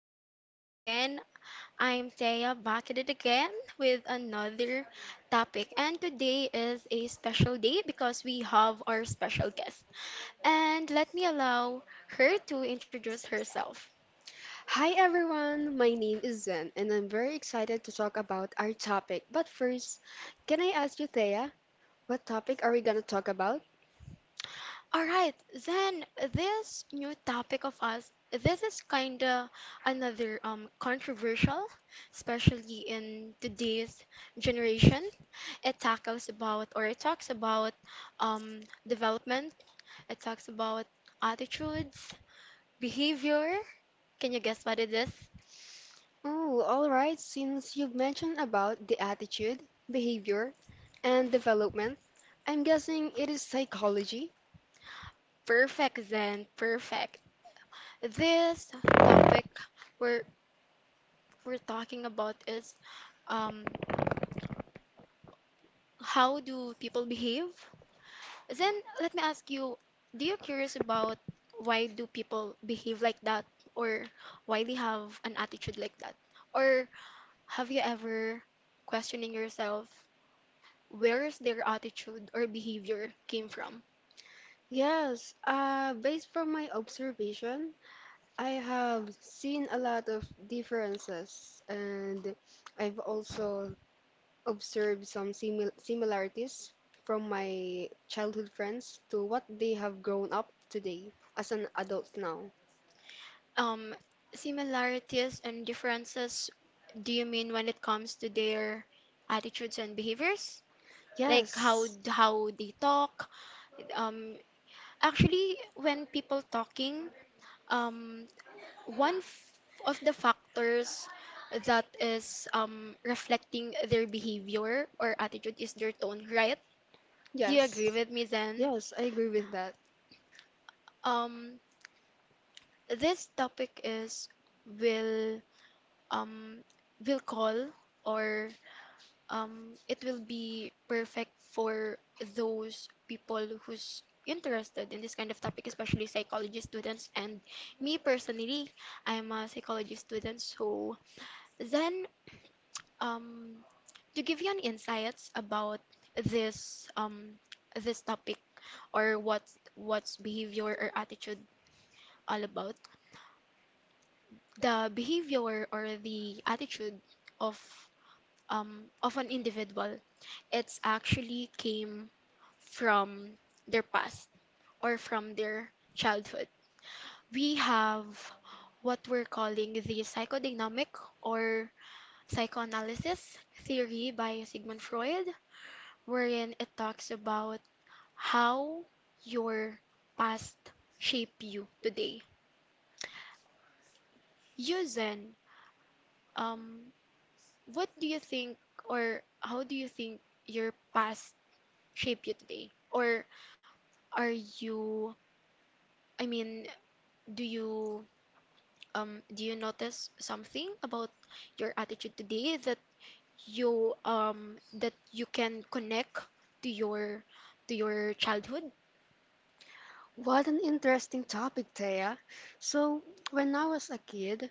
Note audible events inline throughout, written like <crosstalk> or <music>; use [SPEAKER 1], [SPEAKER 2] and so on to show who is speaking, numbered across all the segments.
[SPEAKER 1] Here we go again. I'm Thea back at it again with another topic. And today is a special day because we have our special guest. And let me allow her to introduce herself.
[SPEAKER 2] Hi everyone, my name is Zen and I'm very excited to talk about our topic. But first, can I ask you, Thea, what topic are we gonna talk about?
[SPEAKER 1] All right, then this new topic of us, this is kinda another controversial, especially in today's generation. It tackles about or it talks about development. It talks about attitudes, behavior. Can you guess what it is?
[SPEAKER 2] Oh, alright, since you've mentioned about the attitude, behavior, and development, I'm guessing it is psychology?
[SPEAKER 1] Perfect, Zen. Perfect. This topic we're we're talking about is um how do people behave? Then let me ask you, do you curious about why do people behave like that or why they have an attitude like that? Or have you ever questioning yourself where is their attitude or behavior came from?
[SPEAKER 2] Yes, based from my observation, I have seen a lot of differences and I've also observed some similarities from my childhood friends to what they have grown up today as an adult now.
[SPEAKER 1] Um, similarities and differences, do you mean when it comes to their attitudes and behaviors? Like how
[SPEAKER 2] Yes,
[SPEAKER 1] how they talk? Um, actually, when people talking, um, one f- of the factors that is reflecting their behavior or attitude is their tone, right? Do you
[SPEAKER 2] yes,
[SPEAKER 1] agree with me then?
[SPEAKER 2] yes, I agree with that.
[SPEAKER 1] Um, this topic is will um will call or it will be perfect for those people who's interested in this kind of topic, especially psychology students and me personally, I'm a psychology student, so then um to give you an insights about this um this topic or what's behavior or attitude all about the behavior or the attitude of of an individual, it's actually came from their past or from their childhood. We have what we're calling the psychodynamic or psychoanalysis theory by Sigmund Freud wherein it talks about how your past shape you today. You Zen, um, what do you think or how do you think your past shape you today? Or are you, I mean, do you do you notice something about your attitude today that you can connect to your to your childhood?
[SPEAKER 2] What an interesting topic, Thea. So, when I was a kid,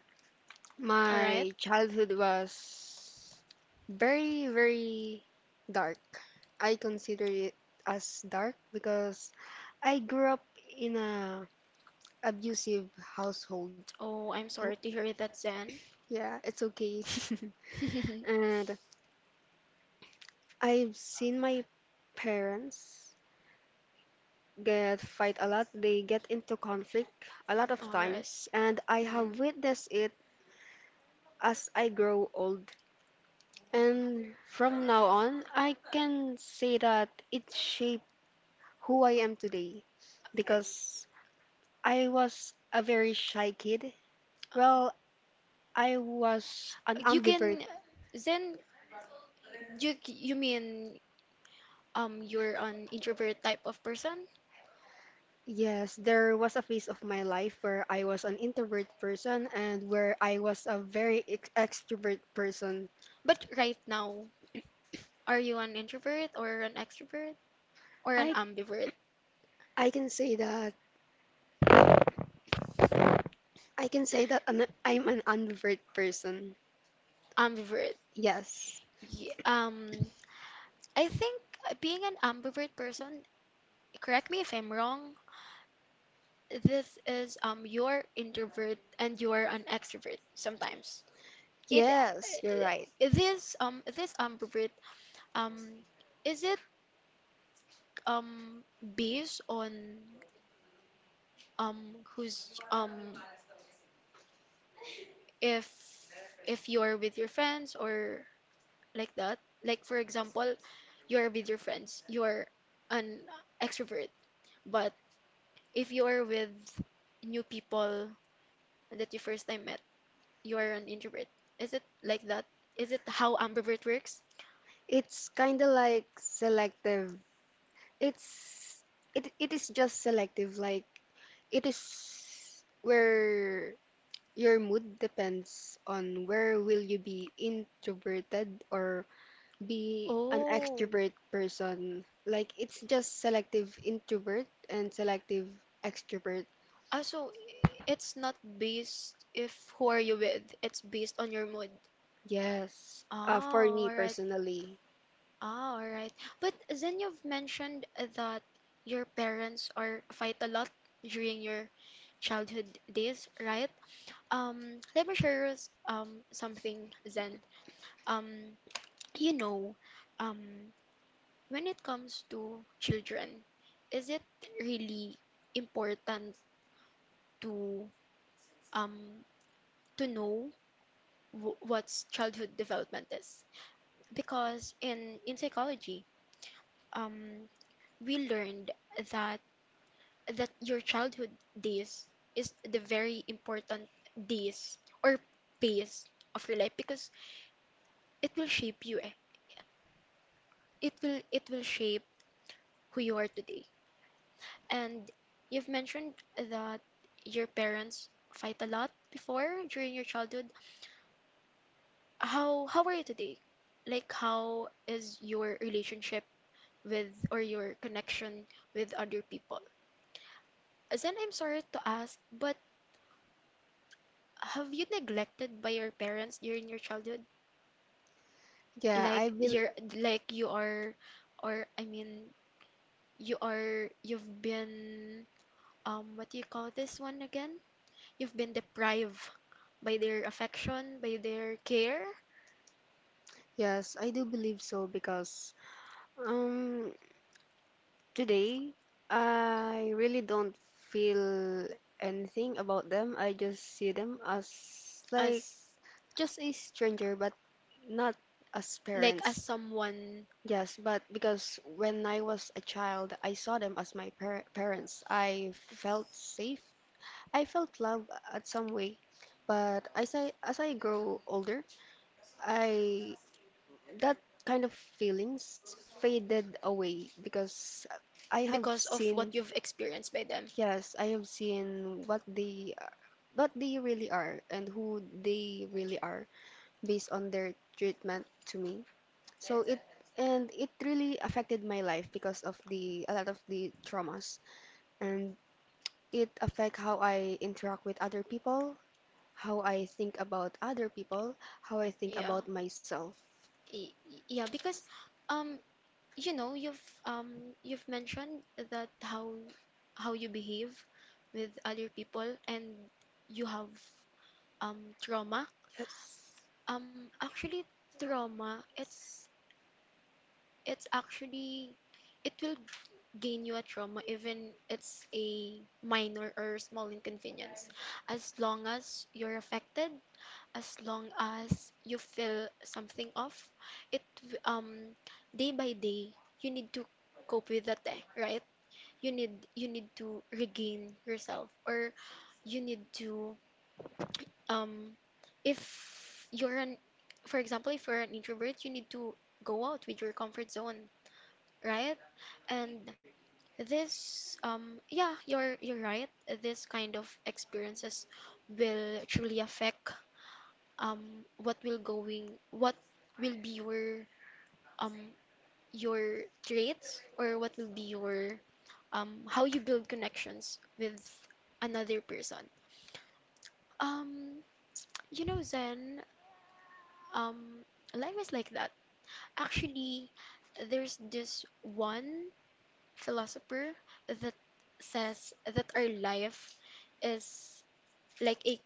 [SPEAKER 1] All right.
[SPEAKER 2] my childhood was very, very dark. I consider it as dark because I grew up in a abusive household.
[SPEAKER 1] Oh, I'm sorry to hear that, Zen.
[SPEAKER 2] Yeah, it's okay. <laughs>
[SPEAKER 1] <laughs>
[SPEAKER 2] And I've seen my parents get fight a lot. They get into conflict a lot of
[SPEAKER 1] All right.
[SPEAKER 2] times, and I
[SPEAKER 1] Mm.
[SPEAKER 2] have witnessed it as I grow old. And from now on, I can say that it shaped who I am today because I was a very shy kid. Well, I was an
[SPEAKER 1] You
[SPEAKER 2] ambivert.
[SPEAKER 1] can then you mean you're an introvert type of person?
[SPEAKER 2] Yes, there was a phase of my life where I was an introvert person and where I was a very ex extrovert person.
[SPEAKER 1] But right now, are you an introvert or an extrovert or an
[SPEAKER 2] I
[SPEAKER 1] ambivert?
[SPEAKER 2] I can say that I can say that I'm an ambivert person.
[SPEAKER 1] Ambivert.
[SPEAKER 2] Yes.
[SPEAKER 1] Ye- Um, I think being an ambivert person, correct me if I'm wrong, this is you're introvert and you're an extrovert sometimes. It
[SPEAKER 2] Yes, you're right.
[SPEAKER 1] this this ambivert um is it um based on who's if if you're with your friends or like that, like for example you're with your friends you're an extrovert, but if you're with new people that you first time met you're an introvert. Is it like that? Is it how ambivert works?
[SPEAKER 2] It's kind of like selective. It's it is just selective, like it is where your mood depends on where will you be introverted or be an
[SPEAKER 1] Oh,
[SPEAKER 2] extrovert person. Like it's just selective introvert and selective extrovert.
[SPEAKER 1] ah, so it's not based if who are you with, it's based on your mood.
[SPEAKER 2] Yes. For
[SPEAKER 1] Oh,
[SPEAKER 2] me
[SPEAKER 1] all right.
[SPEAKER 2] personally.
[SPEAKER 1] Ah, all right. But then you've mentioned that your parents are fight a lot during your childhood days, right? Let me share us, something then. Um, you know, um, when it comes to children, is it really important to um to know w what's childhood development is? Because in psychology, um, we learned that that your childhood days is the very important days or phase of your life because it will shape you eh. It will shape who you are today. And you've mentioned that your parents fight a lot before during your childhood. How are you today? Like how is your relationship with or your connection with other people? As in, I'm sorry to ask, but have you neglected by your parents during your childhood?
[SPEAKER 2] Yeah, I
[SPEAKER 1] Like
[SPEAKER 2] bel
[SPEAKER 1] you're, like you are, or I mean you are, you've been what do you call this one again? You've been deprived by their affection, by their care
[SPEAKER 2] yes, I do believe so because um today I really don't feel anything about them. I just see them as like
[SPEAKER 1] as,
[SPEAKER 2] just a stranger but not as
[SPEAKER 1] like as
[SPEAKER 2] parents.
[SPEAKER 1] someone,
[SPEAKER 2] Yes, but because when I was a child, I saw them as my parents. I felt safe. I felt love at some way. But as I grow older, I that kind of feelings faded away because I have
[SPEAKER 1] because of what
[SPEAKER 2] seen
[SPEAKER 1] you've experienced by them.
[SPEAKER 2] yes, I have seen what they really are and who they really are based on their treatment to me. So it and it really affected my life because of the a lot of the traumas and it affect how I interact with other people, how I think about other people, how I think
[SPEAKER 1] Yeah,
[SPEAKER 2] about myself.
[SPEAKER 1] yeah, because um, you know, you've mentioned that how you behave with other people and you have trauma.
[SPEAKER 2] Yes.
[SPEAKER 1] Actually, trauma, it's actually, it will gain you a trauma, even it's a minor or small inconvenience. As long as you're affected, as long as you feel something off, it w- um day by day you need to cope with that, eh, right? You need to regain yourself, or you need to um if you're an, for example if you're an introvert, you need to go out with your comfort zone, right? And this, yeah, you're right. This kind of experiences will truly affect what will be um your traits or what will be your how you build connections with another person. Um, you know, Zen, um life is like that, actually there's this one philosopher that says that our life is like a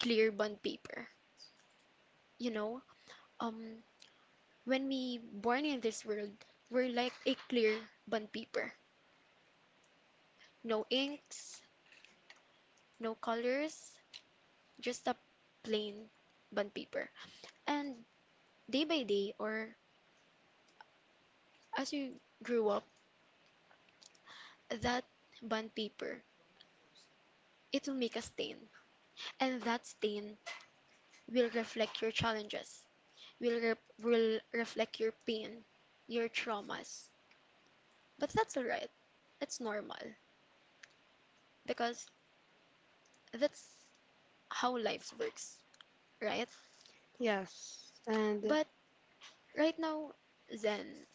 [SPEAKER 1] clear bond paper. You know, um, when we born in this world, we're like a clear bond paper. No inks, no colors, just a plain bond paper. And day by day, or as you grew up, that bond paper, it will make a stain, and that stain will reflect your challenges, will reflect your pain, your traumas. But that's all right. It's normal because that's how life works, right?
[SPEAKER 2] Yes, and
[SPEAKER 1] But right now, Zen,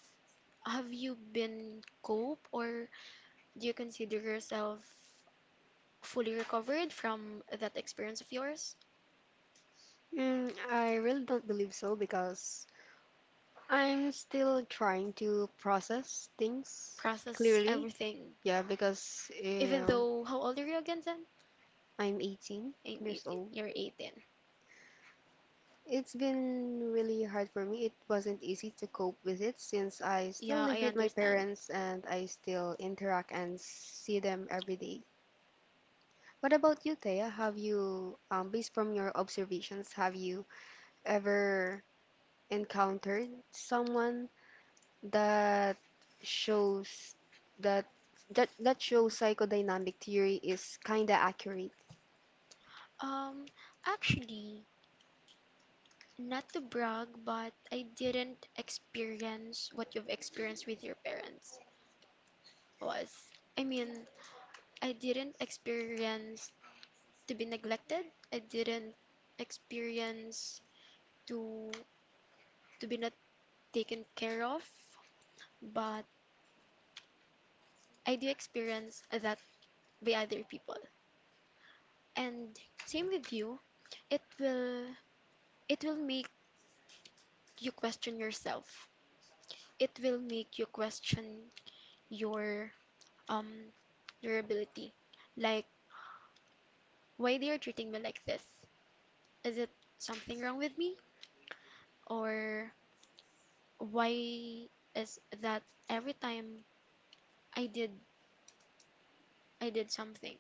[SPEAKER 1] have you been cope or do you consider yourself fully recovered from that experience of yours?
[SPEAKER 2] mm, I really don't believe so because I'm still trying to process things
[SPEAKER 1] Process
[SPEAKER 2] clearly.
[SPEAKER 1] everything.
[SPEAKER 2] Yeah, because
[SPEAKER 1] Even though, how old are you again, Zen?
[SPEAKER 2] I'm 18
[SPEAKER 1] I'm
[SPEAKER 2] years
[SPEAKER 1] 18.
[SPEAKER 2] old.
[SPEAKER 1] You're 18.
[SPEAKER 2] It's been really hard for me. It wasn't easy to cope with it since I still
[SPEAKER 1] Yeah,
[SPEAKER 2] live
[SPEAKER 1] I
[SPEAKER 2] with my
[SPEAKER 1] understand.
[SPEAKER 2] parents and I still interact and see them every day. What about you, Thea? Have you, based from your observations, have you ever encountered someone that shows that that shows psychodynamic theory is kinda accurate?
[SPEAKER 1] Um, actually, not to brag, but I didn't experience what you've experienced with your parents was. I mean, I didn't experience to be neglected. I didn't experience to be not taken care of, but I do experience that by other people. And same with you, it will it will make you question yourself. It will make you question your um durability. Like, why they are treating me like this? Is it something wrong with me? Or why is that every time I did I did something?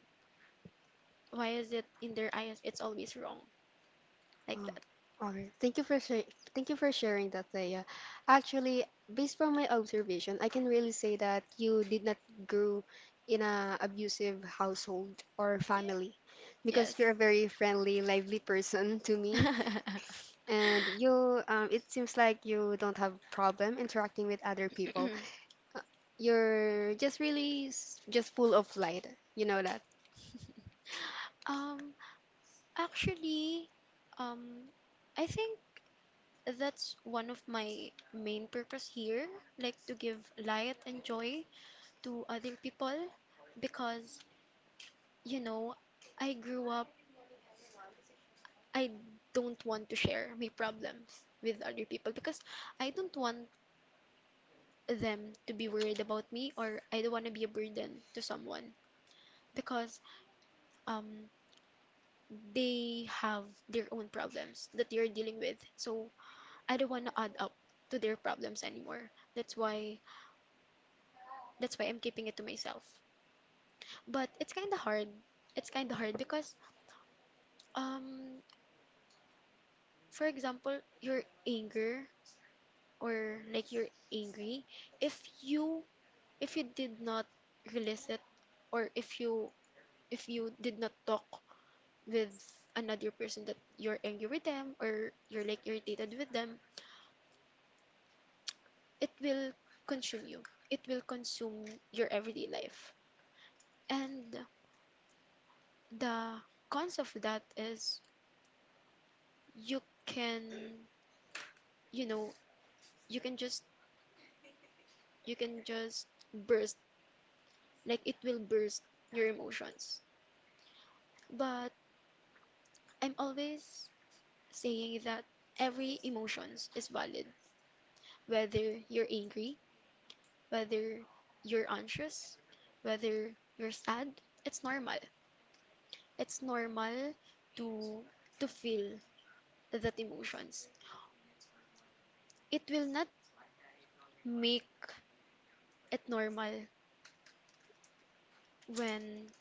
[SPEAKER 1] Why is it in their eyes it's always wrong? Like
[SPEAKER 2] Oh,
[SPEAKER 1] that.
[SPEAKER 2] all right. Thank you for sharing that, Thea. Actually, based from my observation, I can really say that you did not grow in a abusive household or family because
[SPEAKER 1] Yes.
[SPEAKER 2] you're a very friendly, lively person to me,
[SPEAKER 1] <laughs>
[SPEAKER 2] and you it seems like you don't have problem interacting with other people. Uh, You're just really just full of light. You know that.
[SPEAKER 1] Um, actually, um, I think that's one of my main purpose here, like to give light and joy to other people because, you know, I grew up, I don't want to share my problems with other people because I don't want them to be worried about me or I don't want to be a burden to someone because um, they have their own problems that they're dealing with. So I don't want to add up to their problems anymore. That's why I'm keeping it to myself. But it's kind of hard. It's kind of hard because um for example, your anger or like you're angry, if you did not release it or if you did not talk with another person that you're angry with them or you're like irritated with them, it will consume you. It will consume your everyday life. And the cons of that is you can, you know, you can just you can just burst, like it will burst your emotions. But I'm always saying that every emotions is valid, whether you're angry, whether you're anxious, whether you're sad, it's normal. It's normal to feel that emotions. It will not make it normal when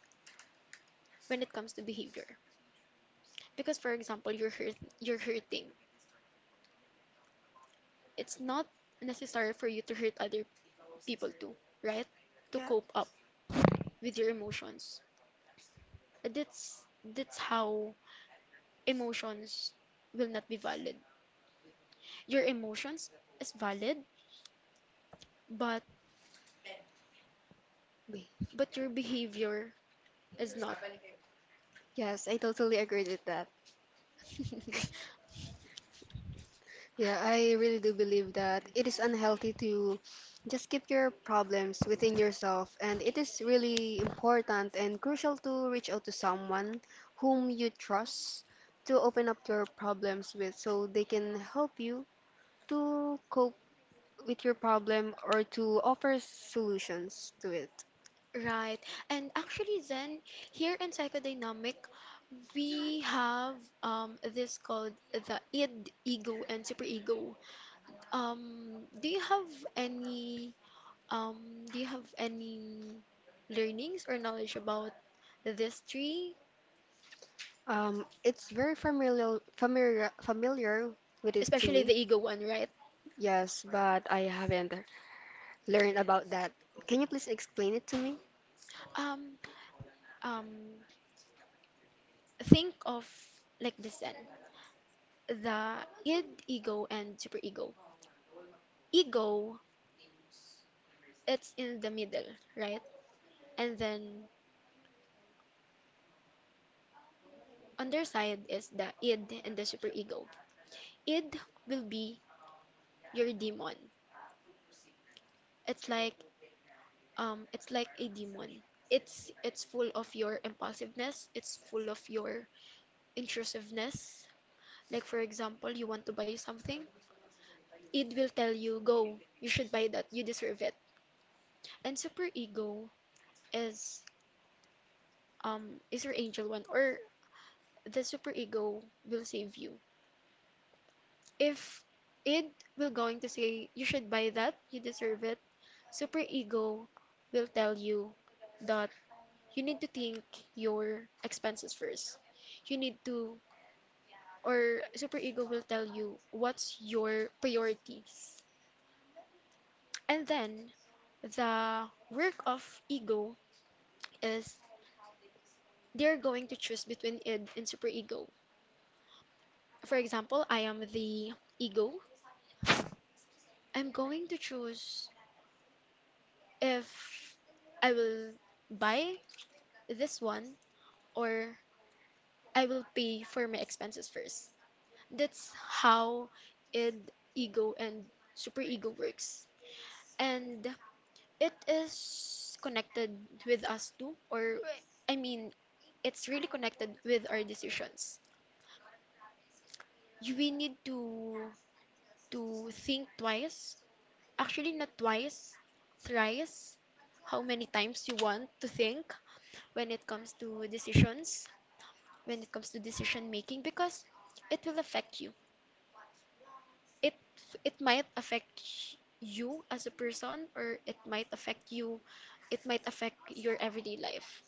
[SPEAKER 1] it comes to behavior. Because for example, you're hurting. It's not necessary for you to hurt other people do, right? To cope up with your emotions. That's how emotions will not be valid. Your emotions is valid, but your behavior is not.
[SPEAKER 2] Yes, I totally agree with that.
[SPEAKER 1] <laughs>
[SPEAKER 2] Yeah, I really do believe that it is unhealthy to just keep your problems within yourself, and it is really important and crucial to reach out to someone whom you trust to open up your problems with so they can help you to cope with your problem or to offer solutions to it.
[SPEAKER 1] Right. And actually then here in psychodynamic we have this called the id, ego and superego. Um do you have any do you have any learnings or knowledge about this tree,
[SPEAKER 2] It's very familiar with it to
[SPEAKER 1] especially the
[SPEAKER 2] me.
[SPEAKER 1] ego one, right?
[SPEAKER 2] Yes, but I haven't learned about that. Can you please explain it to me?
[SPEAKER 1] Um, um, think of like this then. The id, ego, and superego. Ego, it's in the middle, right? And then on their side is the id and the superego. Id will be your demon. It's like it's like a demon. It's full of your impulsiveness. It's full of your intrusiveness. Like, for example, you want to buy something, id will tell you, go, you should buy that, you deserve it. And super ego is is your angel one, or the super ego will save you. If id will going to say you should buy that, you deserve it, super ego will tell you that you need to think your expenses first. You need to, or super ego will tell you what's your priorities. And then the work of ego is they're going to choose between id and superego. For example, I am the ego. I'm going to choose if I will buy this one or I will pay for my expenses first. That's how id, ego, and superego works. And it is connected with us too, or I mean, it's really connected with our decisions. You will need to think twice. Actually, not twice, thrice. How many times you want to think when it comes to decisions, when it comes to decision making, because it will affect you. It it might affect you as a person, or it might affect you. It might affect your everyday life.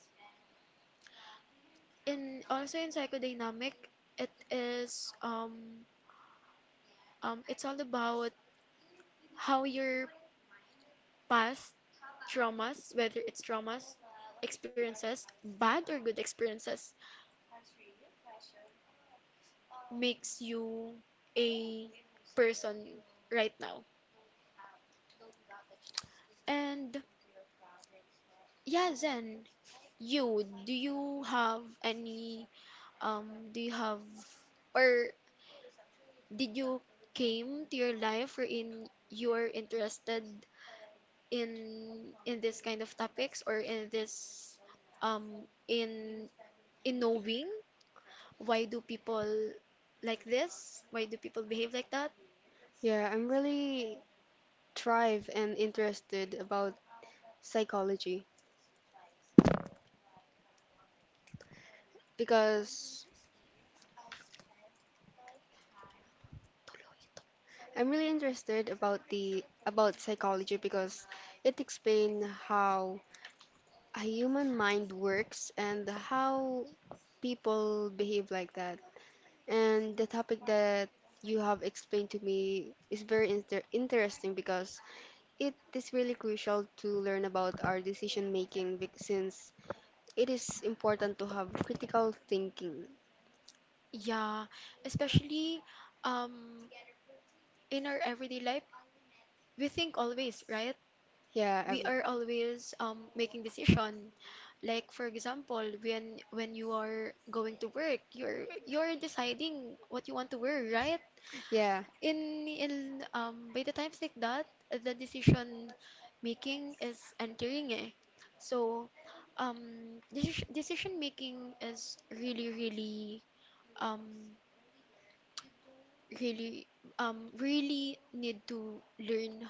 [SPEAKER 1] In also in psychodynamic, it is it's all about how your past traumas, whether it's traumas, experiences, bad or good experiences, makes you a person right now. And yeah, Zen, you, do you have any, do you have, or did you came to your life wherein you are interested in this kind of topics or in this um in in knowing why do people like this? Why do people behave like that?
[SPEAKER 2] Yeah, I'm really thrive and interested about psychology because
[SPEAKER 1] Tuloy ito.
[SPEAKER 2] I'm really interested about the about psychology because it explain how a human mind works and how people behave like that. And the topic that you have explained to me is very interesting because it is really crucial to learn about our decision making since it is important to have critical thinking.
[SPEAKER 1] Yeah, especially um in our everyday life, we think always, right?
[SPEAKER 2] Yeah, i
[SPEAKER 1] We are always making decision. Like for example, when you are going to work, you're deciding what you want to wear, right?
[SPEAKER 2] yeah,
[SPEAKER 1] In by the times like that the decision making is entering eh, so decision making is really um really really need to learn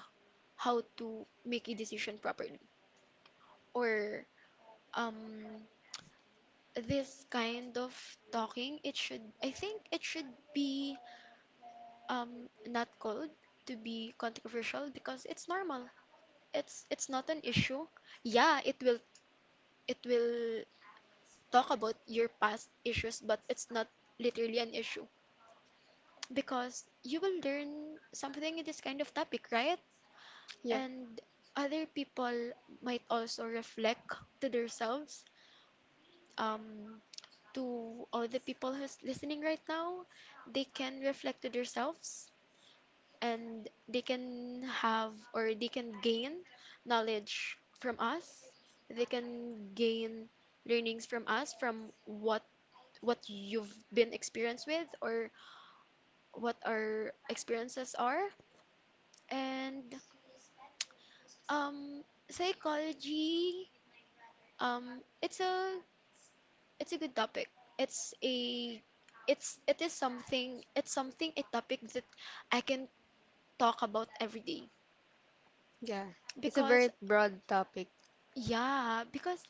[SPEAKER 1] how to make a decision properly, or um this kind of talking, it should, I think it should be not called to be controversial because it's normal. It's not an issue. Yeah, it will talk about your past issues, but it's not literally an issue because you will learn something in this kind of topic, right?
[SPEAKER 2] yeah,
[SPEAKER 1] And other people might also reflect to themselves. Um, to all the people who's listening right now, they can reflect to themselves, and they can have, or they can gain knowledge from us. They can gain learnings from us from what you've been experienced with, or what our experiences are. And um, psychology, um, it's a it's a good topic. It's a it is something it's something, a topic that I can talk about every day
[SPEAKER 2] yeah. It's a
[SPEAKER 1] because.
[SPEAKER 2] very broad topic.
[SPEAKER 1] Yeah, because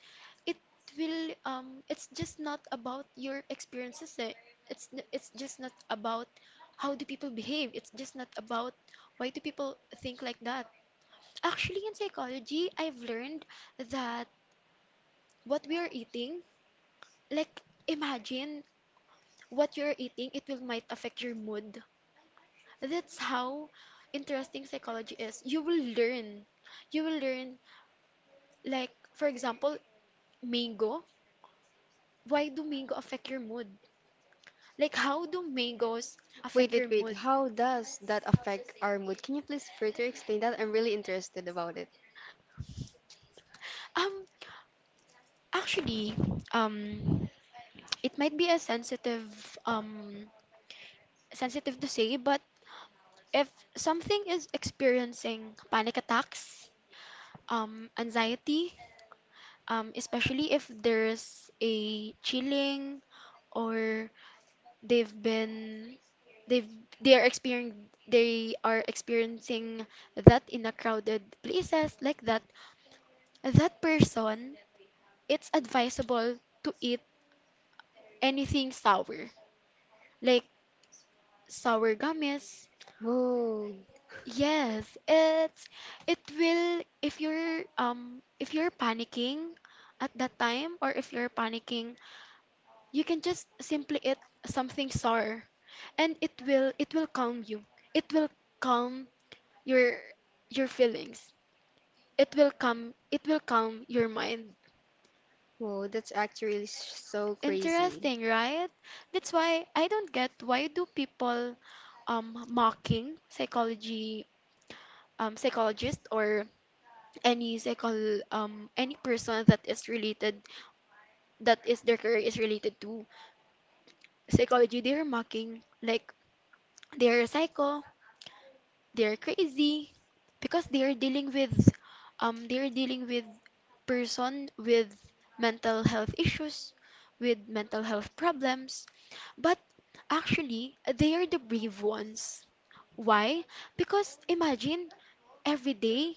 [SPEAKER 1] it will it's just not about your experiences. Eh. It's just not about how do people behave. It's just not about why do people think like that. Actually, in psychology, I've learned that what we are eating, like imagine what you're eating, it will might affect your mood. That's how interesting psychology is. You will learn. You will learn, like for example, mango. Why do mango affect your mood? Like, how do mangoes
[SPEAKER 2] Wait,
[SPEAKER 1] affect your
[SPEAKER 2] wait, wait.
[SPEAKER 1] mood?
[SPEAKER 2] How does that affect our mood? Can you please further explain that? I'm really interested about it.
[SPEAKER 1] Um, actually, um, it might be a sensitive, um, sensitive to say, but if something is experiencing panic attacks, anxiety, especially if there's a chilling, or they've been, they've, they are experiencing, they are experiencing that in a crowded places like that, that person, it's advisable to eat anything sour, like sour gummies.
[SPEAKER 2] Whoa,
[SPEAKER 1] Yes, it's it will, if you're panicking at that time, or if you're panicking, you can just simply eat something sour, and it will calm you. It will calm your your feelings. It will calm your mind.
[SPEAKER 2] whoa, that's actually so crazy.
[SPEAKER 1] Interesting, right? That's why I don't get why do people mocking psychology, psychologist, or any psychol any person that is related, that is their career is related to psychology. They are mocking, like they are psycho, they are crazy, because they are dealing with they are dealing with person with mental health issues, with mental health problems. But actually, they are the brave ones. Why? Because imagine every day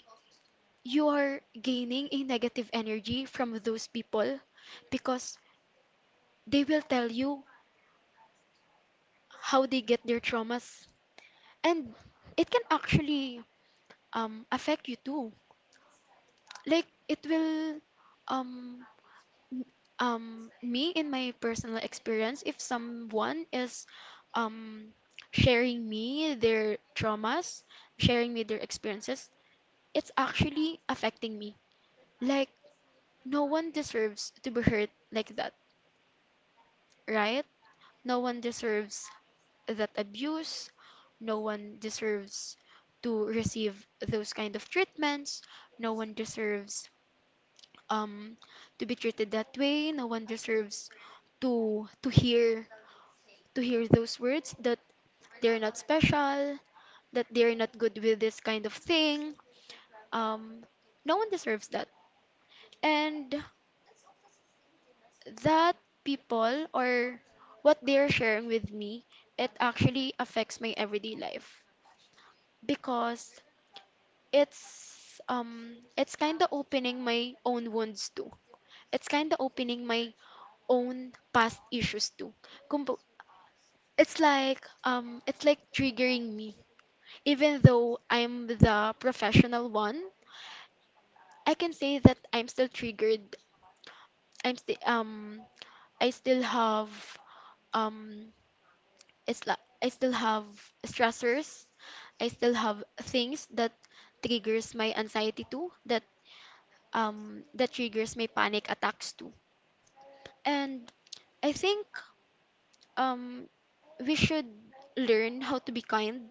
[SPEAKER 1] you are gaining a negative energy from those people, because they will tell you how they get their traumas, and it can actually affect you too. Like it will um, m- me, in my personal experience, if someone is um, sharing me their traumas, sharing me their experiences, it's actually affecting me. Like no one deserves to be hurt like that, right? No one deserves that abuse. No one deserves to receive those kind of treatments. No one deserves um to be treated that way. No one deserves to hear, to hear those words that they're not special, that they're not good with this kind of thing. Um no one deserves that. And that people, or what they're sharing with me, it actually affects my everyday life because it's kind of opening my own wounds too. It's kind of opening my own past issues too. Kumbu-. It's like triggering me. Even though I'm the professional one, I can say that I'm still triggered. I'm still I still have um it's like I still have stressors. I still have things that triggers my anxiety too, that that triggers my panic attacks too. And I think um we should learn how to be kind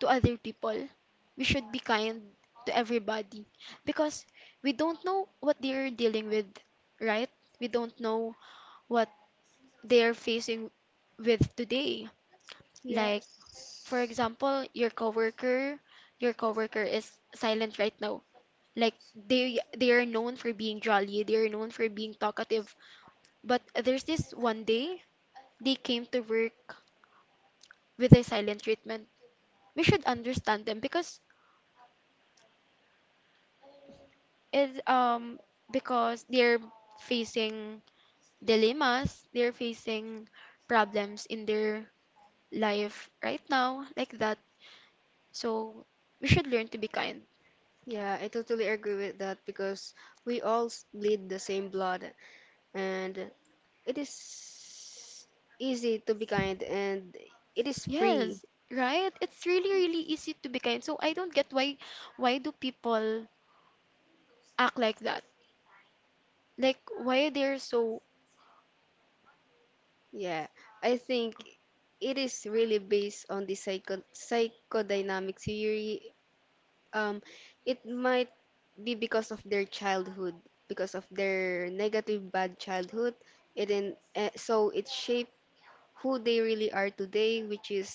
[SPEAKER 1] to other people. We should be kind to everybody because we don't know what they're dealing with, right? We don't know what they're facing with today. Like for
[SPEAKER 2] Yes.
[SPEAKER 1] example, your coworker is silent right now. Like they are known for being jolly, they are known for being talkative, but there's this one day they came to work with the silent treatment. We should understand them because it because they're facing dilemmas, they're facing problems in their life right now, like that. So we should learn to be kind.
[SPEAKER 2] Yeah, I totally agree with that because we all bleed the same blood, and it is easy to be kind, and it is free.
[SPEAKER 1] Yes, right? It's really, really easy to be kind. So I don't get why do people act like that? Like why they're so.
[SPEAKER 2] Yeah, I think it is really based on the psychodynamic theory. Um, it might be because of their childhood, because of their negative bad childhood. So it shaped who they really are today,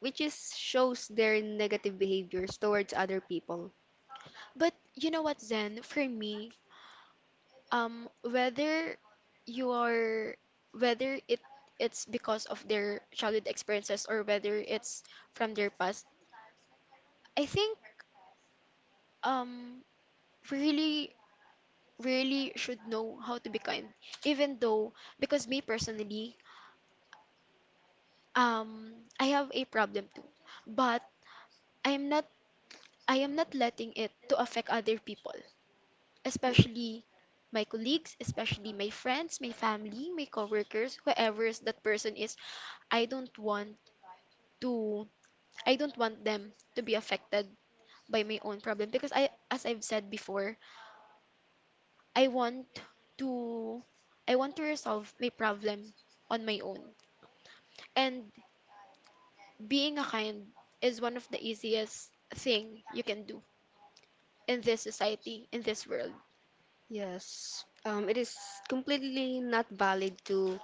[SPEAKER 2] which is shows their negative behaviors towards other people.
[SPEAKER 1] But you know what, Zen, for me, whether you are, whether it, it's because of their childhood experiences, or whether it's from their past, I think um really really should know how to be kind, even though, because me personally, um I have a problem too, but i am not I am not letting it to affect other people, especially my colleagues, especially my friends, my family, my coworkers, whoever that person is, I don't want to, I don't want them to be affected by my own problem, because I, as I've said before, I want to, I want to resolve my problem on my own. And being a kind is one of the easiest thing you can do in this society, in this world.
[SPEAKER 2] Yes, it is completely not valid to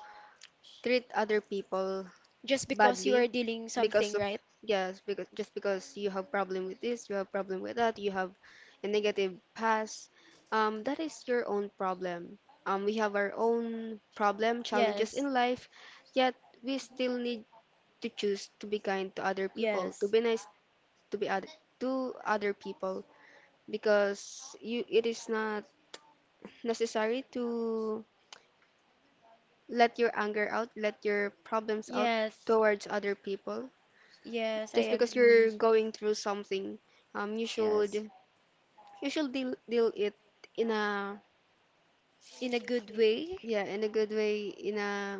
[SPEAKER 2] treat other people
[SPEAKER 1] Just because you are
[SPEAKER 2] badly
[SPEAKER 1] dealing
[SPEAKER 2] because
[SPEAKER 1] something,
[SPEAKER 2] of
[SPEAKER 1] right?
[SPEAKER 2] yes because just because you have problem with this, you have problem with that, you have a negative past, um, that is your own problem. Um, we have our own problem challenges
[SPEAKER 1] Yes.
[SPEAKER 2] in life yet we still need to choose to be kind to other people, to
[SPEAKER 1] Yes.
[SPEAKER 2] be nice, to be other to other people because you it is not necessary to let your anger out, let your problems out
[SPEAKER 1] Yes.
[SPEAKER 2] towards other people
[SPEAKER 1] Yes, I
[SPEAKER 2] just because you're
[SPEAKER 1] agree.
[SPEAKER 2] going through something. Um,
[SPEAKER 1] Yes.
[SPEAKER 2] you should deal it in a
[SPEAKER 1] In a good way.
[SPEAKER 2] yeah, in a good way, in a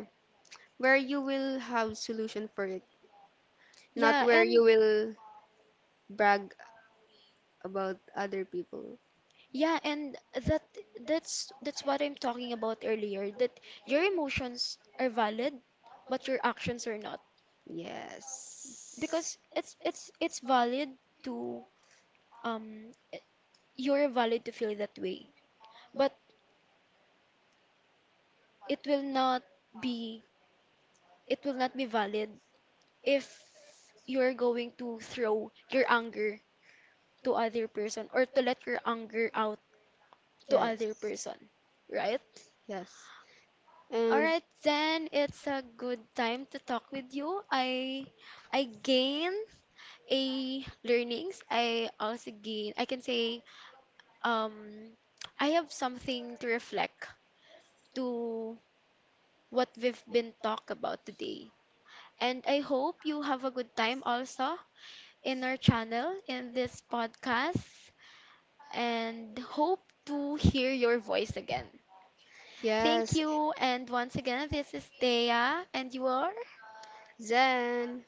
[SPEAKER 2] where you will have solution for it, not
[SPEAKER 1] Yeah,
[SPEAKER 2] where
[SPEAKER 1] and
[SPEAKER 2] you will brag about other people.
[SPEAKER 1] yeah, and that that's what I'm talking about earlier, that your emotions are valid, but your actions are not.
[SPEAKER 2] Yes.
[SPEAKER 1] Because it's it's valid to um i- you're valid to feel that way, but it will not be it will not be valid if you're going to throw your anger to other person, or to let your anger out to other
[SPEAKER 2] Yes,
[SPEAKER 1] person, right?
[SPEAKER 2] yes.
[SPEAKER 1] All
[SPEAKER 2] And
[SPEAKER 1] right, then it's a good time to talk with you. I gain a learnings. I also gain. I can say um I have something to reflect to what we've been talk about today. And I hope you have a good time also in our channel, in this podcast, and hope to hear your voice again. Thank
[SPEAKER 2] yes,
[SPEAKER 1] you, and once again, this is Thea, and you are
[SPEAKER 2] Zen.